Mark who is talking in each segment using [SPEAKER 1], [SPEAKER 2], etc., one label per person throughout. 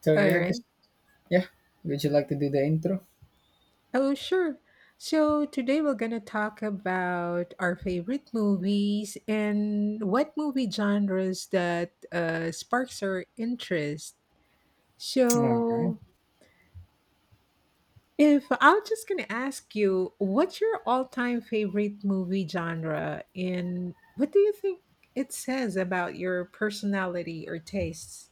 [SPEAKER 1] So
[SPEAKER 2] All
[SPEAKER 1] yeah, I guess
[SPEAKER 2] right.
[SPEAKER 1] yeah. Would you like to do the intro?
[SPEAKER 2] Oh, sure. So today we're going to talk about our favorite movies and what movie genres that sparks our interest.
[SPEAKER 1] All right.
[SPEAKER 2] So, if I am just going to ask you, what's your all time favorite movie genre? And what do you think it says about your personality or tastes?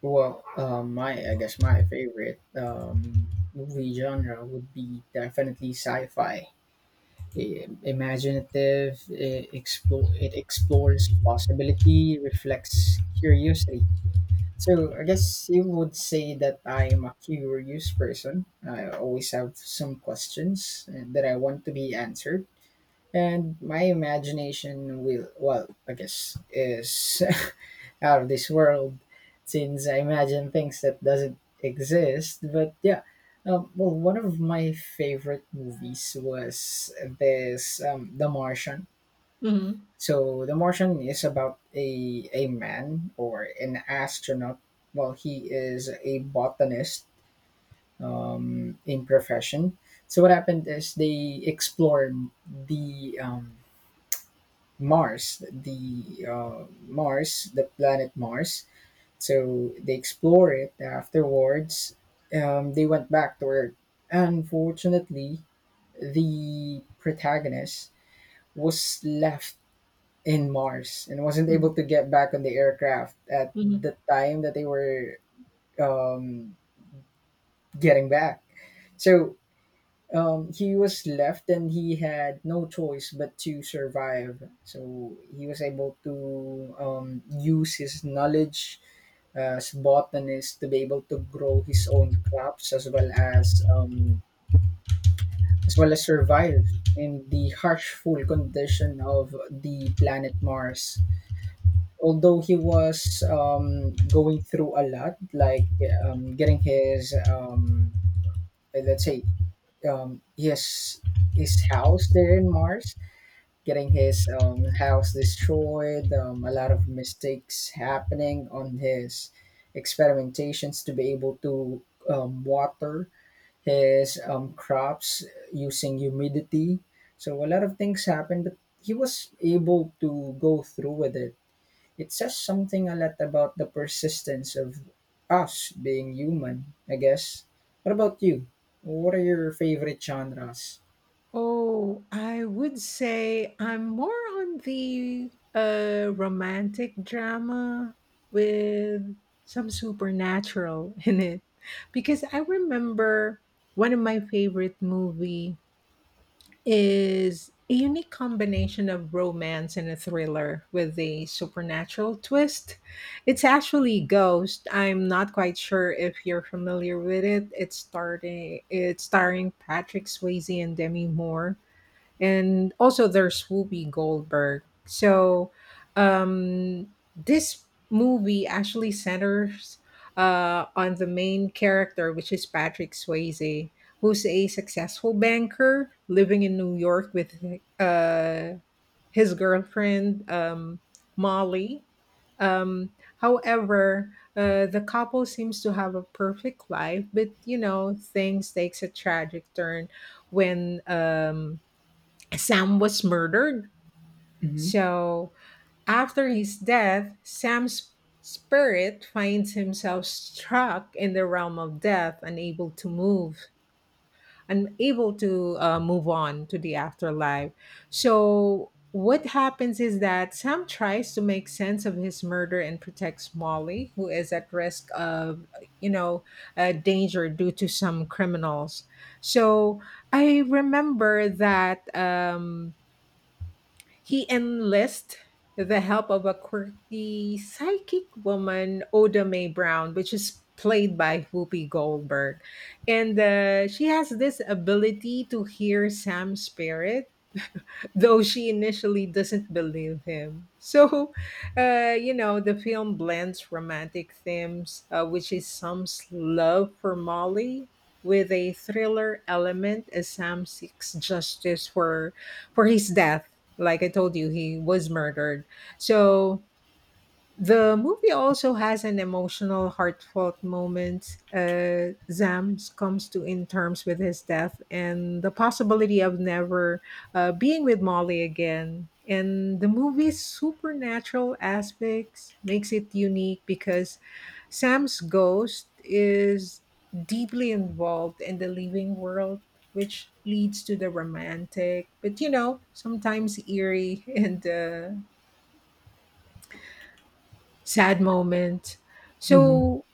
[SPEAKER 1] My I guess my favorite movie genre would be definitely sci-fi. Imaginative, it explores possibility, reflects curiosity. So I guess you would say that I am a curious person. I always have some questions that I want to be answered. And my imagination, I guess, is out of this world since I imagine things that doesn't exist. But one of my favorite movies was this The Martian.
[SPEAKER 2] Mhm.
[SPEAKER 1] So The Martian is about a man or an astronaut. Well, he is a botanist in profession. So what happened is they explored the um, the Mars, the planet Mars. So they explore it. Afterwards, they went back to Earth. Unfortunately, the protagonist was left in Mars and wasn't
[SPEAKER 2] Mm.
[SPEAKER 1] able to get back on the aircraft at
[SPEAKER 2] Mhm.
[SPEAKER 1] the time that they were um, getting back. So he was left and he had no choice but to survive. So he was able to use his knowledge as botanist to be able to grow his own crops as well as survive in the harshful condition of the planet Mars. Although he was going through a lot, like getting his let's say um, his his house there in Mars getting his house destroyed, a lot of mistakes happening on his experimentations to be able to water his crops using humidity. So a lot of things happened, but he was able to go through with it. It says something a lot about the persistence of us being human, I guess. What about you? What are your favorite genres?
[SPEAKER 2] Oh, I would say I'm more on the romantic drama with some supernatural in it. Because I remember one of my favorite movie is a unique combination of romance and a thriller with a supernatural twist. It's actually Ghost. I'm not quite sure if you're familiar with it. It's starring Patrick Swayze and Demi Moore, and also there's Whoopi Goldberg. So this movie actually centers on the main character, which is Patrick Swayze, who's a successful banker living in New York with uh, his girlfriend, Molly. Um, however, the couple seems to have a perfect life, but you know things takes a tragic turn when Sam was murdered.
[SPEAKER 1] Mm-hmm.
[SPEAKER 2] So, after his death, Sam's spirit finds himself struck in the realm of death, unable to move on to the afterlife. So, what happens is that Sam tries to make sense of his murder and protects Molly, who is at risk of, you know, danger due to some criminals. So I remember that. He enlists the help of a quirky psychic woman, Oda Mae Brown, which is played by Whoopi Goldberg. And she has this ability to hear Sam's spirit, though she initially doesn't believe him. So, you know, the film blends romantic themes, which is Sam's love for Molly, with a thriller element as Sam seeks justice for his death. Like I told you, he was murdered. So the movie also has an emotional, heartfelt moment. Zams comes to in terms with his death and the possibility of never being with Molly again. And the movie's supernatural aspects makes it unique because Sam's ghost is deeply involved in the living world, which leads to the romantic, but you know, sometimes eerie and sad moment. So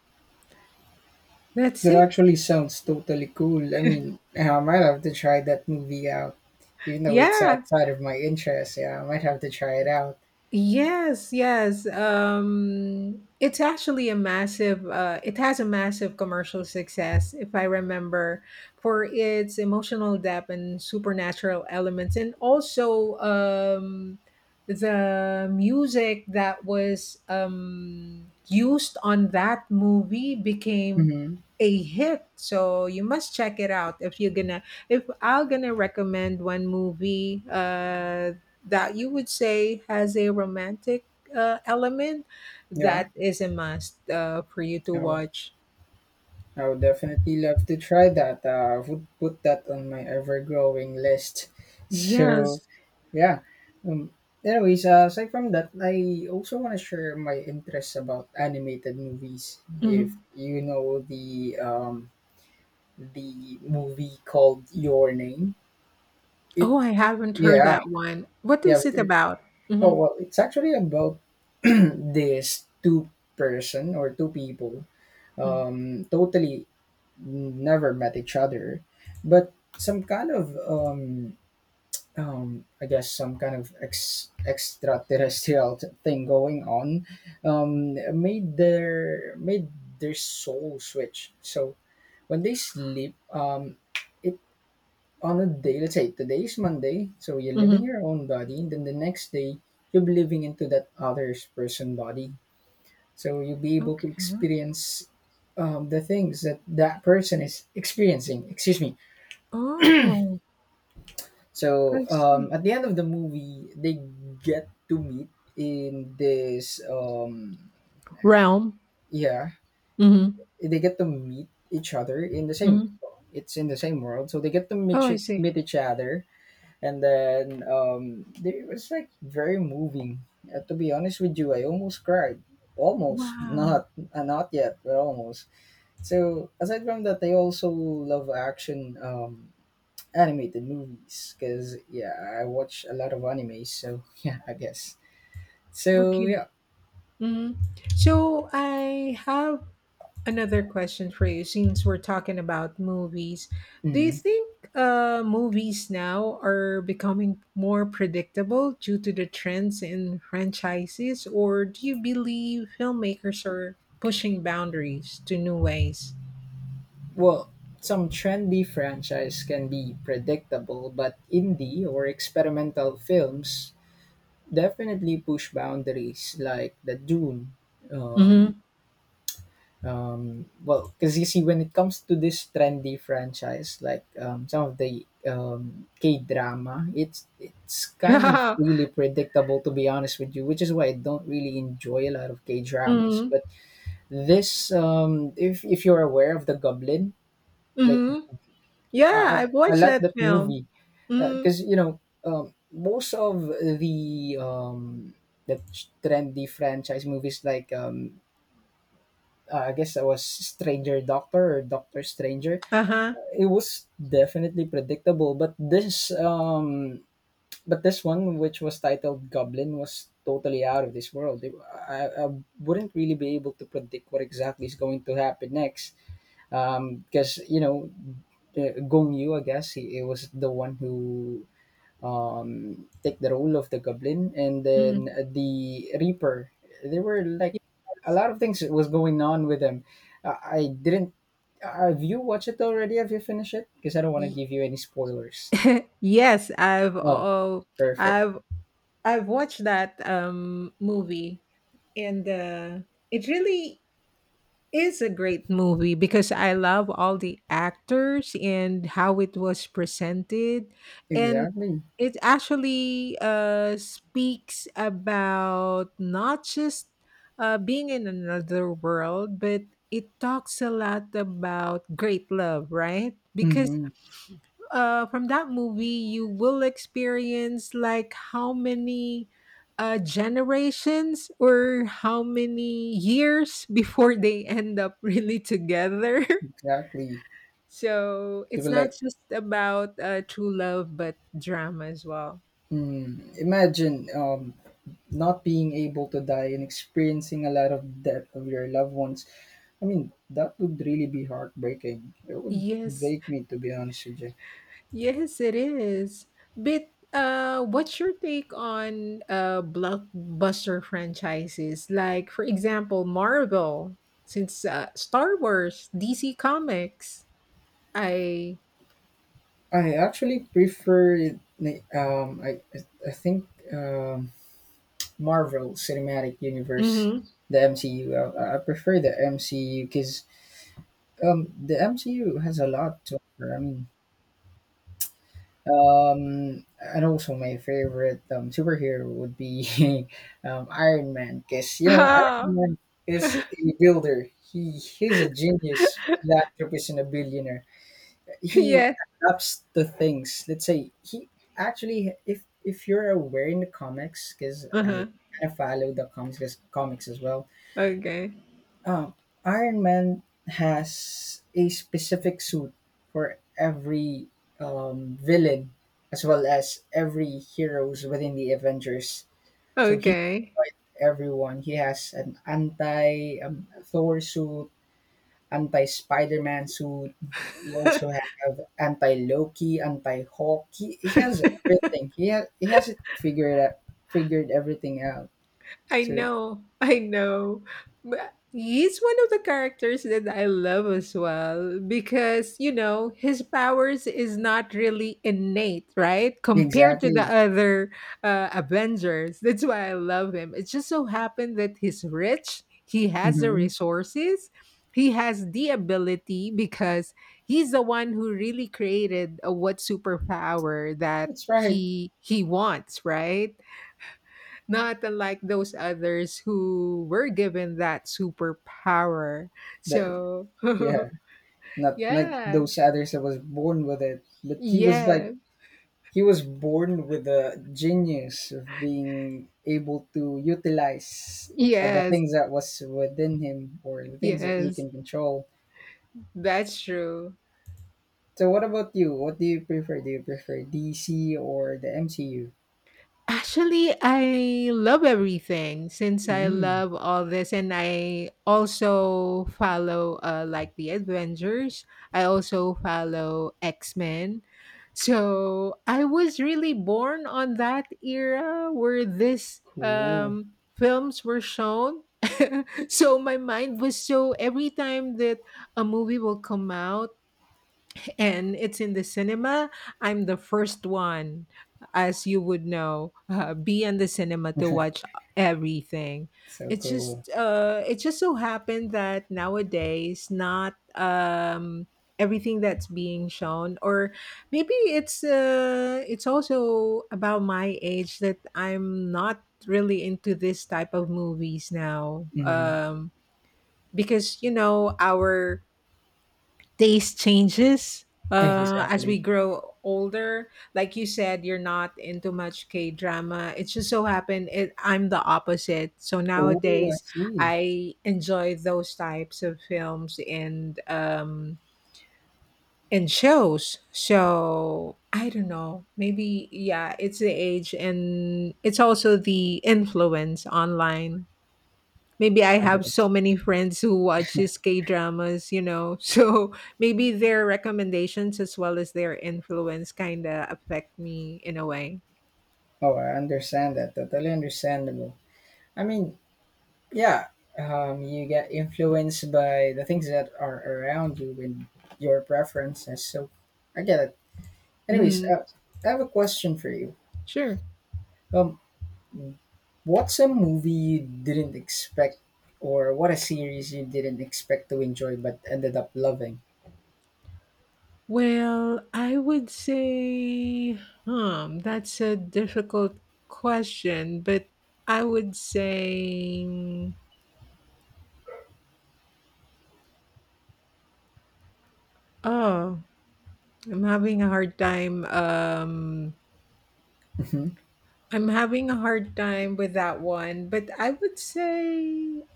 [SPEAKER 2] that's
[SPEAKER 1] That
[SPEAKER 2] it.
[SPEAKER 1] actually sounds totally cool. I mean, I might have to try that movie out. Even though it's
[SPEAKER 2] Yeah.
[SPEAKER 1] outside of my interest, yeah, I might have to try it out.
[SPEAKER 2] Yes, yes. It's actually a massive. It has a massive commercial success, if I remember, for its emotional depth and supernatural elements, and also the music that was used on that movie became
[SPEAKER 1] Hmm.
[SPEAKER 2] a hit. So you must check it out if you're gonna. If I'm gonna recommend one movie, that you would say has a romantic element,
[SPEAKER 1] Yeah,
[SPEAKER 2] that is a must for you to
[SPEAKER 1] I would,
[SPEAKER 2] watch?
[SPEAKER 1] I would definitely love to try that. I would put that on my ever-growing list. So,
[SPEAKER 2] Yes.
[SPEAKER 1] yeah. Um, anyways, aside from that, I also want to share my interests about animated movies. If
[SPEAKER 2] Mhm.
[SPEAKER 1] you know the movie called Your Name, it
[SPEAKER 2] Oh, I haven't heard
[SPEAKER 1] yeah
[SPEAKER 2] that one. What
[SPEAKER 1] Yeah.
[SPEAKER 2] is it
[SPEAKER 1] but
[SPEAKER 2] about?
[SPEAKER 1] Oh
[SPEAKER 2] Hmm.
[SPEAKER 1] well, it's actually about this two person or two people. Totally never met each other, but some kind of I guess some kind of extraterrestrial thing going on. Made their soul switch. So when they sleep, it on a day, let's say today is Monday, so you're living
[SPEAKER 2] Hmm.
[SPEAKER 1] your own body, and then the next day you'll be living into that other person body. So you'll be able to
[SPEAKER 2] Okay.
[SPEAKER 1] experience the things that that person is experiencing. Excuse me.
[SPEAKER 2] Oh,
[SPEAKER 1] So
[SPEAKER 2] I see.
[SPEAKER 1] at the end of the movie, they get to meet in
[SPEAKER 2] Realm.
[SPEAKER 1] yeah,
[SPEAKER 2] Mm-hmm.
[SPEAKER 1] they get to meet each other in the same.
[SPEAKER 2] Mm-hmm.
[SPEAKER 1] It's in the same world, so they get to
[SPEAKER 2] Oh, I see.
[SPEAKER 1] meet each other, and then it was like very moving. To be honest with you, I almost cried, almost
[SPEAKER 2] Wow.
[SPEAKER 1] not, not yet, but almost. So aside from that, I also love action animated movies because yeah, I watch a lot of anime, so yeah, I guess. So
[SPEAKER 2] Okay.
[SPEAKER 1] yeah.
[SPEAKER 2] Mm-hmm. So I have another question for you, since we're talking about movies, do you
[SPEAKER 1] Mm.
[SPEAKER 2] think movies now are becoming more predictable due to the trends in franchises, or do you believe filmmakers are pushing boundaries to new ways?
[SPEAKER 1] Well, some trendy franchise can be predictable, but indie or experimental films definitely push boundaries, like the Dune. Um,
[SPEAKER 2] Mm-hmm.
[SPEAKER 1] well, because you see, when it comes to this trendy franchise, like some of the K drama, it's kind of really predictable, to be honest with you, which is why I don't really enjoy a lot of K dramas.
[SPEAKER 2] Mm-hmm.
[SPEAKER 1] But this, if you're aware of the Goblin, like
[SPEAKER 2] Mm-hmm. Yeah,
[SPEAKER 1] I,
[SPEAKER 2] I've
[SPEAKER 1] I
[SPEAKER 2] watched
[SPEAKER 1] like
[SPEAKER 2] that
[SPEAKER 1] that
[SPEAKER 2] film.
[SPEAKER 1] movie
[SPEAKER 2] Mm-hmm.
[SPEAKER 1] because you know most of the the trendy franchise movies like I guess I was Stranger Doctor or Doctor Stranger.
[SPEAKER 2] Uh huh.
[SPEAKER 1] It was definitely predictable, but this one which was titled Goblin was totally out of this world. I wouldn't really be able to predict what exactly is going to happen next, because you know, Gong Yu, I guess he was the one who take the role of the goblin, and then
[SPEAKER 2] Mm-hmm.
[SPEAKER 1] the Reaper. There were like a
[SPEAKER 2] Yes,
[SPEAKER 1] lot of things was going on with them. I didn't. Have you watched it already? Have you finished it? Because I don't want to
[SPEAKER 2] Ye-
[SPEAKER 1] give you any spoilers.
[SPEAKER 2] yes,
[SPEAKER 1] Oh, perfect.
[SPEAKER 2] I've watched that movie, and it really is a great movie because I love all the actors and how it was presented, and
[SPEAKER 1] Exactly.
[SPEAKER 2] it actually speaks about not just being in another world, but it talks a lot about great love, right? Because
[SPEAKER 1] Mm-hmm.
[SPEAKER 2] from that movie, you will experience like how many generations or how many years before they end up really together.
[SPEAKER 1] Exactly.
[SPEAKER 2] So
[SPEAKER 1] They were
[SPEAKER 2] it's not
[SPEAKER 1] like,
[SPEAKER 2] just about true love, but drama as well.
[SPEAKER 1] mm, imagine not being able to die and experiencing a lot of death of your loved ones. I mean that would really be heartbreaking, it would
[SPEAKER 2] Yes.
[SPEAKER 1] break me, to be honest with you.
[SPEAKER 2] Yes, it is. But what's your take on blockbuster franchises? Like, for example, Marvel, since Star Wars, DC Comics. I.
[SPEAKER 1] I actually prefer it- um i i I think um Marvel Cinematic Universe,
[SPEAKER 2] Mm-hmm.
[SPEAKER 1] the MCU, I prefer the MCU because the MCU has a lot to offer, I mean. And also my favorite superhero would be Iron Man, because you know Iron Man is a builder. He's a genius philanthropist and a billionaire. He
[SPEAKER 2] Yeah.
[SPEAKER 1] adapts to things. Let's say if you're aware in the comics, because I
[SPEAKER 2] Uh-huh.
[SPEAKER 1] kind of follow the comics 'cause comics as well.
[SPEAKER 2] Okay.
[SPEAKER 1] Oh, Iron Man has a specific suit for every villain as well as every heroes within the Avengers. So he can
[SPEAKER 2] Okay.
[SPEAKER 1] fight everyone. He has an anti Thor suit, anti Spider Man suit. He also have anti Loki, anti Hawk. He has everything. He has it figured out, figured everything out.
[SPEAKER 2] I
[SPEAKER 1] So
[SPEAKER 2] know, I know. But he's one of the characters that I love as well because, you know, his powers is not really innate, right? Compared to the
[SPEAKER 1] exactly.
[SPEAKER 2] other Avengers. That's why I love him. It just so happened that he's rich, he has the
[SPEAKER 1] Hmm.
[SPEAKER 2] resources. He has the ability because he's the one who really created what superpower that
[SPEAKER 1] That's right.
[SPEAKER 2] he wants, right? Not unlike those others who were given that superpower.
[SPEAKER 1] That,
[SPEAKER 2] So,
[SPEAKER 1] Yeah, not like
[SPEAKER 2] yeah.
[SPEAKER 1] those others that was born with it, but he was like
[SPEAKER 2] Yeah.
[SPEAKER 1] he was born with the genius of being able to utilize the
[SPEAKER 2] Yes.
[SPEAKER 1] things that was within him or the things that he
[SPEAKER 2] Yes.
[SPEAKER 1] can control.
[SPEAKER 2] That's true.
[SPEAKER 1] So, what about you? What do you prefer? Do you prefer DC or the MCU?
[SPEAKER 2] Actually, I love everything since I
[SPEAKER 1] Hmm.
[SPEAKER 2] love all this, and I also follow like the Avengers. I also follow X Men. So I was really born on that era where these
[SPEAKER 1] Cool.
[SPEAKER 2] films were shown. So my mind was so every time that a movie will come out, and it's in the cinema, I'm the first one, as you would know, be in the cinema to watch everything.
[SPEAKER 1] So
[SPEAKER 2] It
[SPEAKER 1] cool.
[SPEAKER 2] just uh, it just so happened that nowadays, not everything that's being shown, or maybe it's also about my age that I'm not really into this type of movies now.
[SPEAKER 1] Mm-hmm.
[SPEAKER 2] Because you know our taste changes as we
[SPEAKER 1] Exactly.
[SPEAKER 2] grow older, like you said you're not into much K drama. It just so happened it I'm the opposite, so
[SPEAKER 1] Oh, I
[SPEAKER 2] nowadays
[SPEAKER 1] see.
[SPEAKER 2] I enjoy those types of films, and shows. So I don't know, maybe yeah, it's the age and it's also the influence online. Maybe I
[SPEAKER 1] I
[SPEAKER 2] have so
[SPEAKER 1] guess.
[SPEAKER 2] many friends who watches K dramas, you know. So maybe their recommendations as well as their influence kind of affect me in a way.
[SPEAKER 1] Oh, I understand that. Totally understandable. I mean, yeah, you get influenced by the things that are around you and your preferences, so I get it. Anyways,
[SPEAKER 2] Hmm.
[SPEAKER 1] I have a question for you.
[SPEAKER 2] Sure.
[SPEAKER 1] um what's a movie you didn't expect or what a series you didn't expect to enjoy but ended up loving?
[SPEAKER 2] Well, I would say, that's a difficult question, but I would say, oh, I'm having a hard time.
[SPEAKER 1] Hmm.
[SPEAKER 2] I'm having a hard time with that one, but I would say,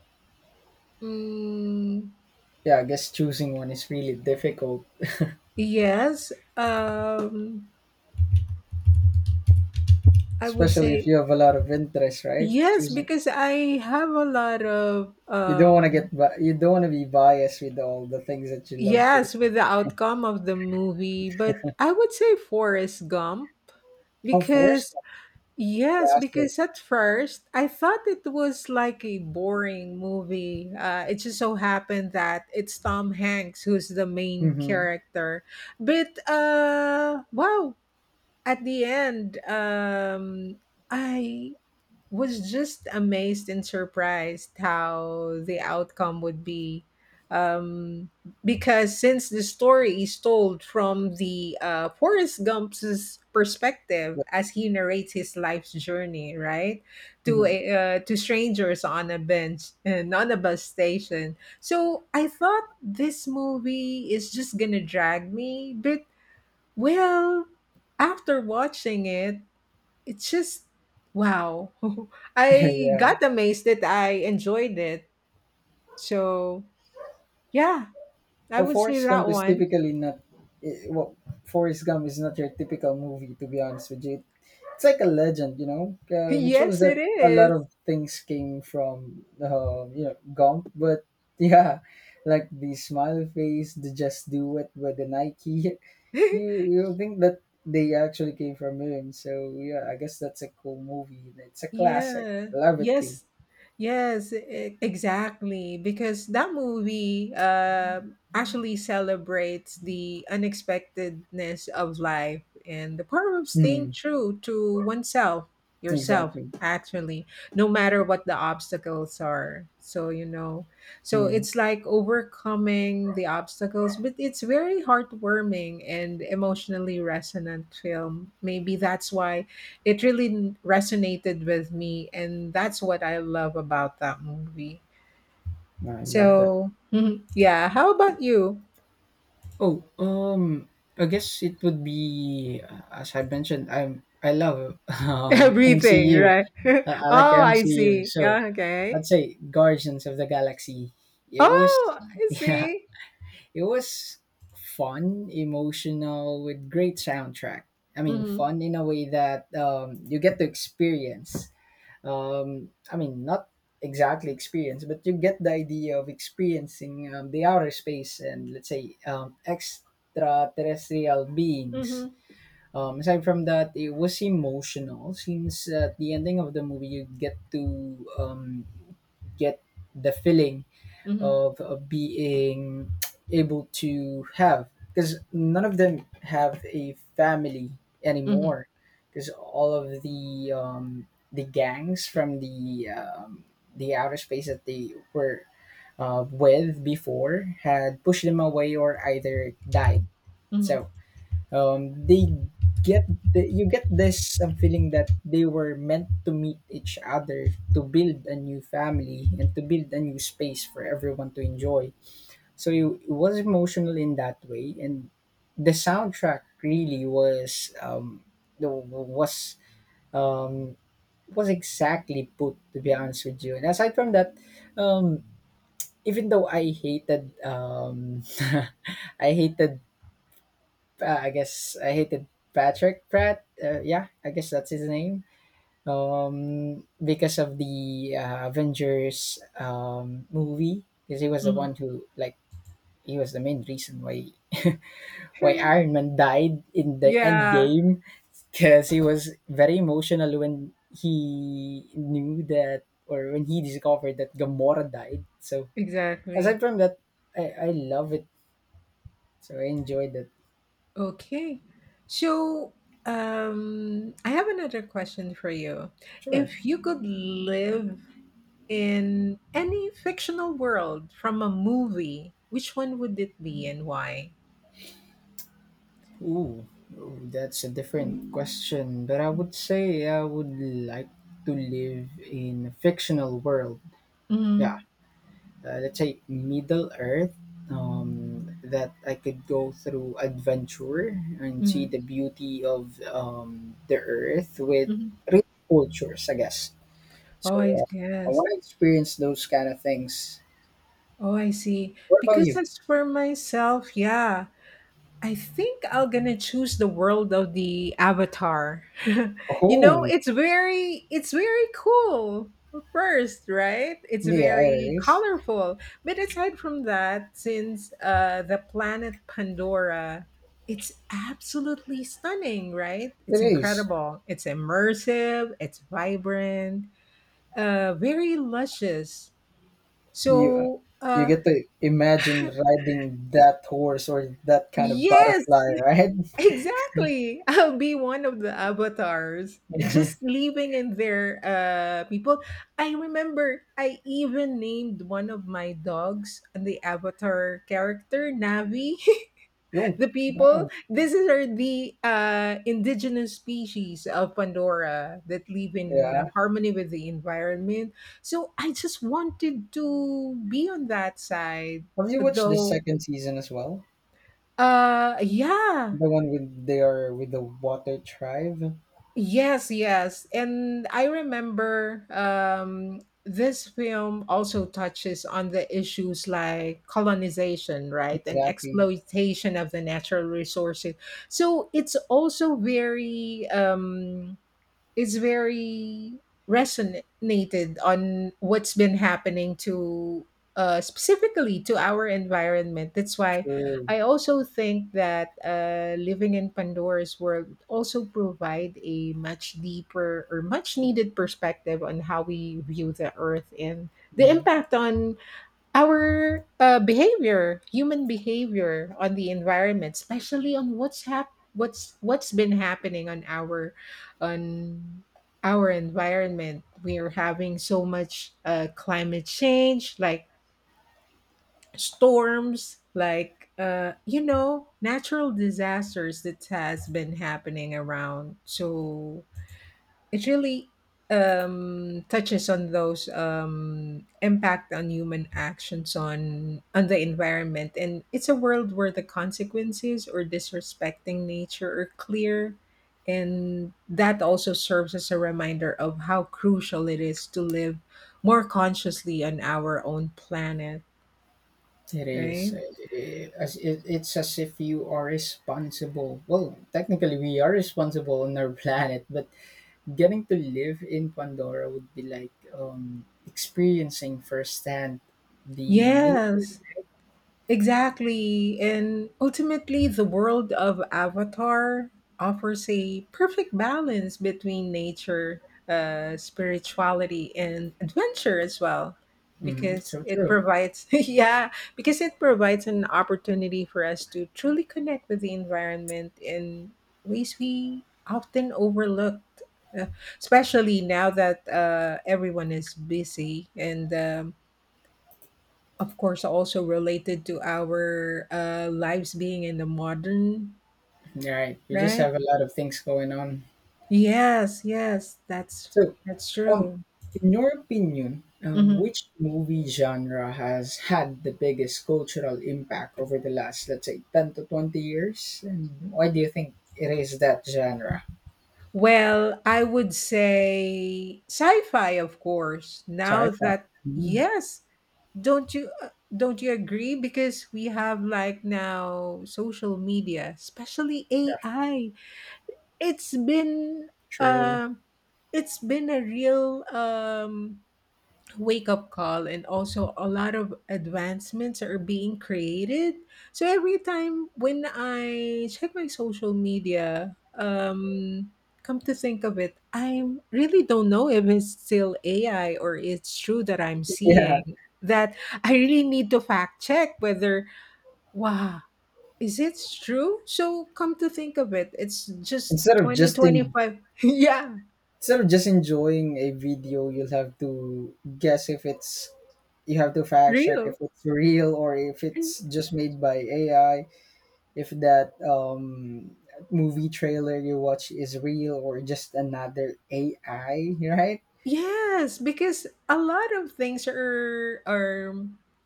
[SPEAKER 2] mm,
[SPEAKER 1] Yeah, I guess choosing one is really difficult,
[SPEAKER 2] yes, um, I would
[SPEAKER 1] especially if
[SPEAKER 2] say
[SPEAKER 1] you have a lot of interest, right?
[SPEAKER 2] yes
[SPEAKER 1] Choosing,
[SPEAKER 2] because I have a lot of
[SPEAKER 1] you don't want to get you don't want to be biased with all the things that you love to.
[SPEAKER 2] yes with the outcome of the movie, but I would say Forrest Gump.
[SPEAKER 1] Of course.
[SPEAKER 2] Because yes,
[SPEAKER 1] Classic.
[SPEAKER 2] because at first I thought it was like a boring movie. It just so happened that it's Tom Hanks who's the main
[SPEAKER 1] Hmm.
[SPEAKER 2] character, but wow, at the end, I was just amazed and surprised how the outcome would be, um because since the story is told from the Forrest Gump's perspective as he narrates his life's journey, right, to
[SPEAKER 1] Mhm.
[SPEAKER 2] a to strangers on a bench and on a bus station. So I thought this movie is just going to drag me, but well, after watching it, it's just wow. I
[SPEAKER 1] Yeah.
[SPEAKER 2] got amazed that I enjoyed it. So, yeah, I
[SPEAKER 1] Well,
[SPEAKER 2] would say
[SPEAKER 1] Forrest
[SPEAKER 2] that
[SPEAKER 1] Gump is
[SPEAKER 2] one.
[SPEAKER 1] typically not. Well, Forrest Gump is not your typical movie, to be honest with you. It's like a legend, you know. It shows
[SPEAKER 2] Yes, it
[SPEAKER 1] that a lot
[SPEAKER 2] is.
[SPEAKER 1] of things came from, you know, Gump. But yeah, like the smile face, the just do it with the Nike. You think that they actually came from him? So yeah, I guess that's a cool movie. It's a classic.
[SPEAKER 2] Yeah.
[SPEAKER 1] Love it too.
[SPEAKER 2] Yes. Exactly. Because that movie actually celebrates the unexpectedness of life and the power of staying
[SPEAKER 1] Mm,
[SPEAKER 2] true to oneself, yourself,
[SPEAKER 1] exactly.
[SPEAKER 2] actually, no matter what the obstacles are. So, you know, so
[SPEAKER 1] Mm,
[SPEAKER 2] it's like overcoming the obstacles, but it's very heartwarming and emotionally resonant film. Maybe that's why it really resonated with me, and that's what I love about that movie.
[SPEAKER 1] I love that.
[SPEAKER 2] So, mhm, yeah, how about you?
[SPEAKER 1] Oh, I guess it would be as I mentioned. I love
[SPEAKER 2] Everything,
[SPEAKER 1] MCU.
[SPEAKER 2] right?
[SPEAKER 1] I like
[SPEAKER 2] Oh, I
[SPEAKER 1] MCU.
[SPEAKER 2] see.
[SPEAKER 1] So
[SPEAKER 2] Yeah,
[SPEAKER 1] I'd
[SPEAKER 2] okay.
[SPEAKER 1] say Guardians of the Galaxy. It was
[SPEAKER 2] Oh, I
[SPEAKER 1] yeah,
[SPEAKER 2] see.
[SPEAKER 1] it was fun, emotional, with great soundtrack. I mean,
[SPEAKER 2] Hmm.
[SPEAKER 1] fun in a way that you get to experience I mean, not exactly experience, but you get the idea of experiencing the outer space and let's say extraterrestrial beings.
[SPEAKER 2] Hmm.
[SPEAKER 1] Aside from that, it was emotional since at the ending of the movie you get to get the feeling
[SPEAKER 2] Hmm.
[SPEAKER 1] of being able to have, because none of them have a family
[SPEAKER 2] Hmm.
[SPEAKER 1] anymore because all of the gangs from the outer space that they were with before had pushed them away or either died.
[SPEAKER 2] Hmm.
[SPEAKER 1] So um, they get you get this feeling that they were meant to meet each other to build a new family and to build a new space for everyone to enjoy. So it was emotional in that way, and the soundtrack really was the- was um exactly put, to be honest with you. And aside from that, um even though I hated i hated I hated Patrick Pratt, yeah, I guess that's his name, because of the Avengers movie, because he was the
[SPEAKER 2] Hmm.
[SPEAKER 1] one who like he was the main reason why why Iron Man died in the end
[SPEAKER 2] Yeah,
[SPEAKER 1] game, because he was very emotional when he knew that or when he discovered that Gamora died. So
[SPEAKER 2] exactly.
[SPEAKER 1] aside from that, I love it. So I enjoyed it.
[SPEAKER 2] Okay. So, I have another question for you.
[SPEAKER 1] Sure.
[SPEAKER 2] If you could live in any fictional world from a movie, which one would it be and why?
[SPEAKER 1] Ooh, ooh, that's a different question. But I would say I would like to live in a fictional world. Yeah,
[SPEAKER 2] Mhm.
[SPEAKER 1] let's say Middle Earth, that I could go through adventure and see
[SPEAKER 2] Mhm.
[SPEAKER 1] the beauty of, the Earth with
[SPEAKER 2] Mhm.
[SPEAKER 1] rich cultures, I guess.
[SPEAKER 2] Oh,
[SPEAKER 1] So,
[SPEAKER 2] I
[SPEAKER 1] I
[SPEAKER 2] guess.
[SPEAKER 1] want to experience those kind of things.
[SPEAKER 2] Oh, I see.
[SPEAKER 1] What about
[SPEAKER 2] Because
[SPEAKER 1] you?
[SPEAKER 2] as for myself, yeah, I think I'm gonna choose the world of the Avatar. You know,
[SPEAKER 1] Oh,
[SPEAKER 2] it's very cool first, right? It's
[SPEAKER 1] yeah,
[SPEAKER 2] very
[SPEAKER 1] it is.
[SPEAKER 2] colorful. But aside from that, since the planet Pandora, it's absolutely stunning, right?
[SPEAKER 1] It
[SPEAKER 2] It's
[SPEAKER 1] is.
[SPEAKER 2] incredible. It's immersive, it's vibrant, very luscious.
[SPEAKER 1] You
[SPEAKER 2] So,
[SPEAKER 1] you
[SPEAKER 2] uh,
[SPEAKER 1] get to imagine riding that horse or that kind of
[SPEAKER 2] yes,
[SPEAKER 1] butterfly, right?
[SPEAKER 2] exactly. I'll be one of the avatars just living in their people. I remember I even named one of my dogs the avatar character Navi.
[SPEAKER 1] Yo,
[SPEAKER 2] The people
[SPEAKER 1] wow.
[SPEAKER 2] this is are the indigenous species of Pandora that live in
[SPEAKER 1] Yeah.
[SPEAKER 2] harmony with the environment. So I just wanted to be on that side
[SPEAKER 1] Have you watched the
[SPEAKER 2] though,
[SPEAKER 1] second season as well?
[SPEAKER 2] yeah.
[SPEAKER 1] The one with the water tribe.
[SPEAKER 2] Yes, yes. And I remember, this film also touches on the issues like colonization, right? And
[SPEAKER 1] Exactly.
[SPEAKER 2] exploitation of the natural resources. So it's also very is very resonated on what's been happening to specifically to our environment. That's why
[SPEAKER 1] True.
[SPEAKER 2] I also think that living in Pandora's world also provide a much deeper or much needed perspective on how we view the earth and the
[SPEAKER 1] Hmm.
[SPEAKER 2] impact on our behavior, human behavior on the environment, especially on what's been happening on on our environment. We are having so much climate change, like storms, like you know, natural disasters that has been happening around. So it really touches on those impact on human actions on the environment, and it's a world where the consequences or disrespecting nature are clear, and that also serves as a reminder of how crucial it is to live more consciously on our own planet.
[SPEAKER 1] It is.
[SPEAKER 2] Right?
[SPEAKER 1] It's as if you are responsible. Well, technically, we are responsible on our planet, but getting to live in Pandora would be like, experiencing firsthand the nature.
[SPEAKER 2] Yes. Exactly. And ultimately, the world of Avatar offers a perfect balance between nature, spirituality, and adventure as well.
[SPEAKER 1] Mhm,
[SPEAKER 2] Because
[SPEAKER 1] so
[SPEAKER 2] it
[SPEAKER 1] true.
[SPEAKER 2] provides, yeah, because it provides an opportunity for us to truly connect with the environment in ways we often overlooked, uh, especially now that everyone is busy and of course also related to our lives being in the modern.
[SPEAKER 1] All right. We just
[SPEAKER 2] Right?
[SPEAKER 1] have a lot of things going on.
[SPEAKER 2] Yes, yes, that's
[SPEAKER 1] So,
[SPEAKER 2] that's
[SPEAKER 1] Um,
[SPEAKER 2] true.
[SPEAKER 1] in your opinion,
[SPEAKER 2] Mhm.
[SPEAKER 1] which movie genre has had the biggest cultural impact over the last, let's say, 10 to 20 years? And why do you think it is that genre?
[SPEAKER 2] Well, I would say sci-fi, of course,
[SPEAKER 1] Sci
[SPEAKER 2] now
[SPEAKER 1] fi.
[SPEAKER 2] that,
[SPEAKER 1] Yeah,
[SPEAKER 2] yes, don't you uh, don't you agree? Because we have like now social media, especially AI. it's been
[SPEAKER 1] true.
[SPEAKER 2] um it's been a real, wake up call, and also a lot of advancements are being created. So every time when I check my social media, come to think of it, I really don't know if it's still AI or it's true that I'm
[SPEAKER 1] Yeah.
[SPEAKER 2] seeing that. I really need to fact check whether, wow, is it true? So come to think of it, it's just
[SPEAKER 1] Instead of just in,
[SPEAKER 2] 2025. Yeah,
[SPEAKER 1] Instead of just enjoying a video, you'll have to guess if it's you have to fact check if
[SPEAKER 2] real.
[SPEAKER 1] it's real or if it's just made by AI. If that, movie trailer you watch is real or just another AI, right?
[SPEAKER 2] Yes, because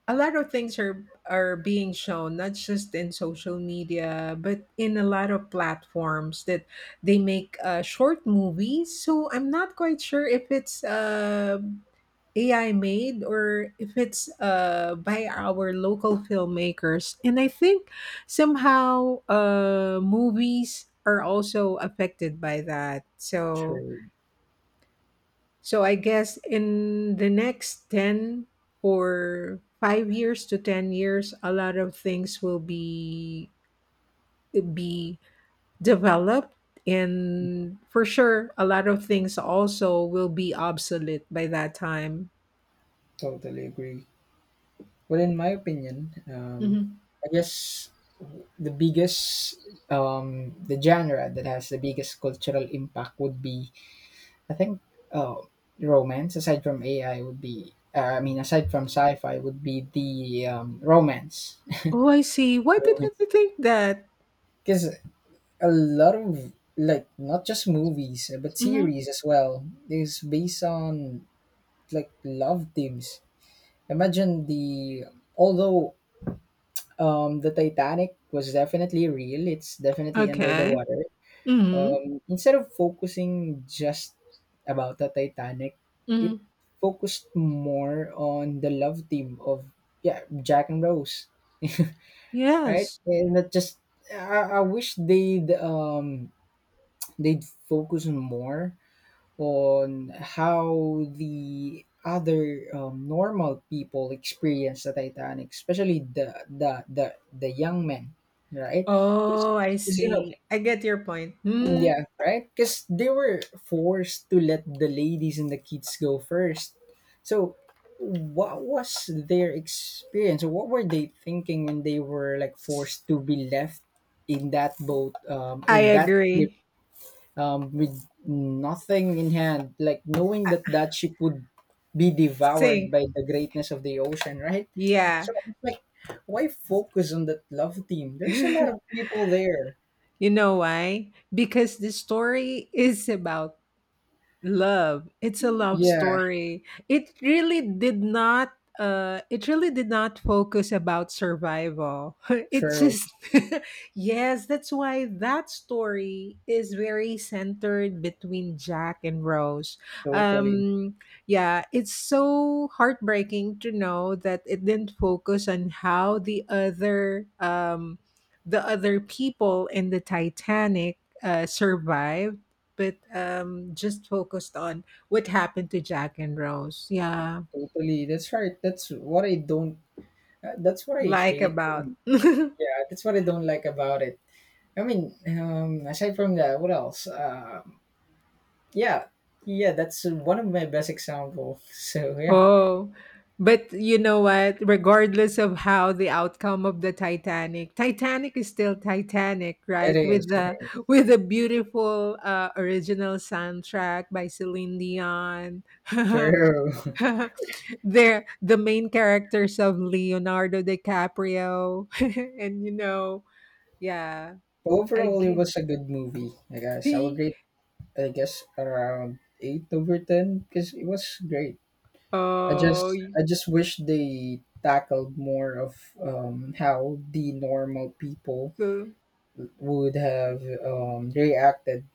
[SPEAKER 2] a lot of things are being shown not just in social media but in a lot of platforms that they make short movies. So I'm not quite sure if it's AI made or if it's by our local filmmakers. And I think somehow movies are also affected by that. So
[SPEAKER 1] True.
[SPEAKER 2] so I guess in the next 10 or 5 years to 10 years, a lot of things will be developed, and for sure a lot of things also will be obsolete by that time.
[SPEAKER 1] Totally agree. Well, in my opinion,
[SPEAKER 2] Mhm.
[SPEAKER 1] I guess the biggest the genre that has the biggest cultural impact would be, I think, uh, romance aside from AI would be, I mean, aside from sci-fi would be the, romance.
[SPEAKER 2] Oh, I see. Why didn't
[SPEAKER 1] Romance
[SPEAKER 2] I think that?
[SPEAKER 1] because a lot of, like, not just movies, but
[SPEAKER 2] Mhm.
[SPEAKER 1] series as well is based on like love themes. Imagine the although um the titanic was definitely real. It's definitely under the
[SPEAKER 2] Okay.
[SPEAKER 1] water.
[SPEAKER 2] Mhm.
[SPEAKER 1] Instead of focusing just about the titanic, it
[SPEAKER 2] Mhm.
[SPEAKER 1] focused more on the love theme of, yeah, jack and rose. Right.
[SPEAKER 2] Yes.
[SPEAKER 1] And that just, I wish they'd focus more on how the other, normal people experience the Titanic, especially the young men, right? Because
[SPEAKER 2] Oh, I
[SPEAKER 1] you know,
[SPEAKER 2] see. I get your point. Mhm.
[SPEAKER 1] yeah, right? Because they were forced to let the ladies and the kids go first. So, what was their experience? What were they thinking when they were, like, forced to be left in that boat,
[SPEAKER 2] I
[SPEAKER 1] in that ship,
[SPEAKER 2] agree.
[SPEAKER 1] with nothing in hand, like knowing
[SPEAKER 2] I
[SPEAKER 1] that that ship would be devoured
[SPEAKER 2] think.
[SPEAKER 1] by the greatness of the ocean, right?
[SPEAKER 2] Yeah.
[SPEAKER 1] So it's like, why focus on that love team? There's a lot of people there.
[SPEAKER 2] You know why? Because the story is about love. It's a love
[SPEAKER 1] Yeah,
[SPEAKER 2] story. It really did not. It really did not focus about survival. It
[SPEAKER 1] true,
[SPEAKER 2] just, yes, that's why that story is very centered between Jack and Rose.
[SPEAKER 1] totally,
[SPEAKER 2] um yeah, it's so heartbreaking to know that it didn't focus on how the other people in the Titanic survived, but just focused on what happened to Jack and Rose. Yeah,
[SPEAKER 1] totally. That's right. That's what I don't, that's what I
[SPEAKER 2] like
[SPEAKER 1] hate.
[SPEAKER 2] about.
[SPEAKER 1] Yeah, that's what I don't like about it. I mean, aside from that, what else? Yeah, yeah, that's one of my best examples. So, yeah,
[SPEAKER 2] Oh, but you know what? Regardless of how the outcome of the Titanic, Titanic is still Titanic,
[SPEAKER 1] it
[SPEAKER 2] right?
[SPEAKER 1] is. It is.
[SPEAKER 2] With a beautiful original soundtrack by Celine Dion.
[SPEAKER 1] True.
[SPEAKER 2] They're the main characters of Leonardo DiCaprio, and you know, yeah, I
[SPEAKER 1] Overall, it
[SPEAKER 2] guess.
[SPEAKER 1] was a good movie. I guess I would rate, I guess, around 8/10 because it was great. I
[SPEAKER 2] Oh,
[SPEAKER 1] just,
[SPEAKER 2] y,
[SPEAKER 1] I just wish they tackled more of, how the normal people
[SPEAKER 2] so
[SPEAKER 1] would have, reacted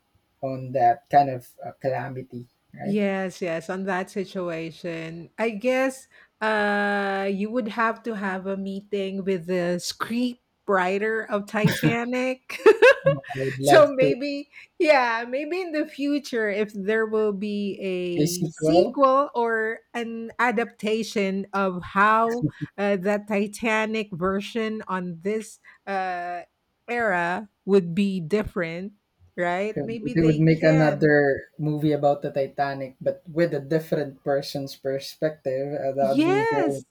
[SPEAKER 1] on that kind of, calamity, right?
[SPEAKER 2] yes, yes, on that situation, I guess you would have to have a meeting with the scriptwriter of Titanic.
[SPEAKER 1] I would
[SPEAKER 2] So
[SPEAKER 1] love to
[SPEAKER 2] maybe, yeah, maybe in the future, if there will be
[SPEAKER 1] a
[SPEAKER 2] a
[SPEAKER 1] sequel.
[SPEAKER 2] sequel or an adaptation of how the Titanic version on this uh, era would be different, right? Maybe
[SPEAKER 1] They would
[SPEAKER 2] they
[SPEAKER 1] make
[SPEAKER 2] can.
[SPEAKER 1] another movie about the Titanic, but with a different person's perspective. That would be great.
[SPEAKER 2] Yes,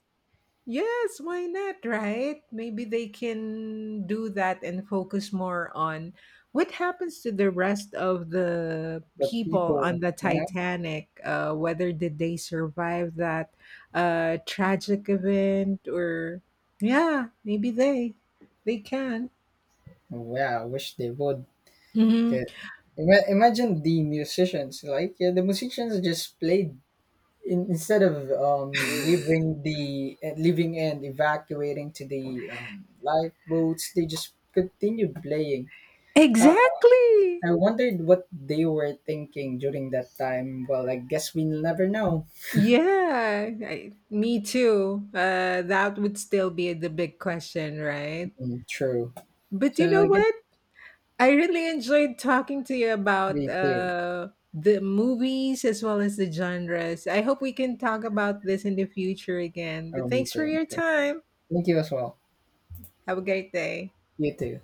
[SPEAKER 2] yes, why not, right? Maybe they can do that and focus more on what happens to the rest of the
[SPEAKER 1] The
[SPEAKER 2] people on
[SPEAKER 1] people,
[SPEAKER 2] the
[SPEAKER 1] yeah.
[SPEAKER 2] Titanic. Whether did they survive that tragic event or yeah, maybe they can.
[SPEAKER 1] Yeah, I wish they would.
[SPEAKER 2] Hmm.
[SPEAKER 1] The, Imagine the musicians, like, yeah, the musicians just played, instead of, leaving the, leaving and evacuating to the, lifeboats. They just continued playing. Uh,
[SPEAKER 2] Exactly.
[SPEAKER 1] I wondered what they were thinking during that time. Well, I guess we'll never know.
[SPEAKER 2] Yeah, I, me too. That would still be the big question, right?
[SPEAKER 1] Mm, true.
[SPEAKER 2] But you
[SPEAKER 1] So
[SPEAKER 2] know
[SPEAKER 1] I guess
[SPEAKER 2] what? I really enjoyed talking to you about
[SPEAKER 1] me too.
[SPEAKER 2] the movies as well as the genres. I hope we can talk about this in the future again.
[SPEAKER 1] Oh,
[SPEAKER 2] But
[SPEAKER 1] me
[SPEAKER 2] thanks for
[SPEAKER 1] too.
[SPEAKER 2] your
[SPEAKER 1] Okay.
[SPEAKER 2] time.
[SPEAKER 1] Thank you as well.
[SPEAKER 2] Have a great day.
[SPEAKER 1] You too. Take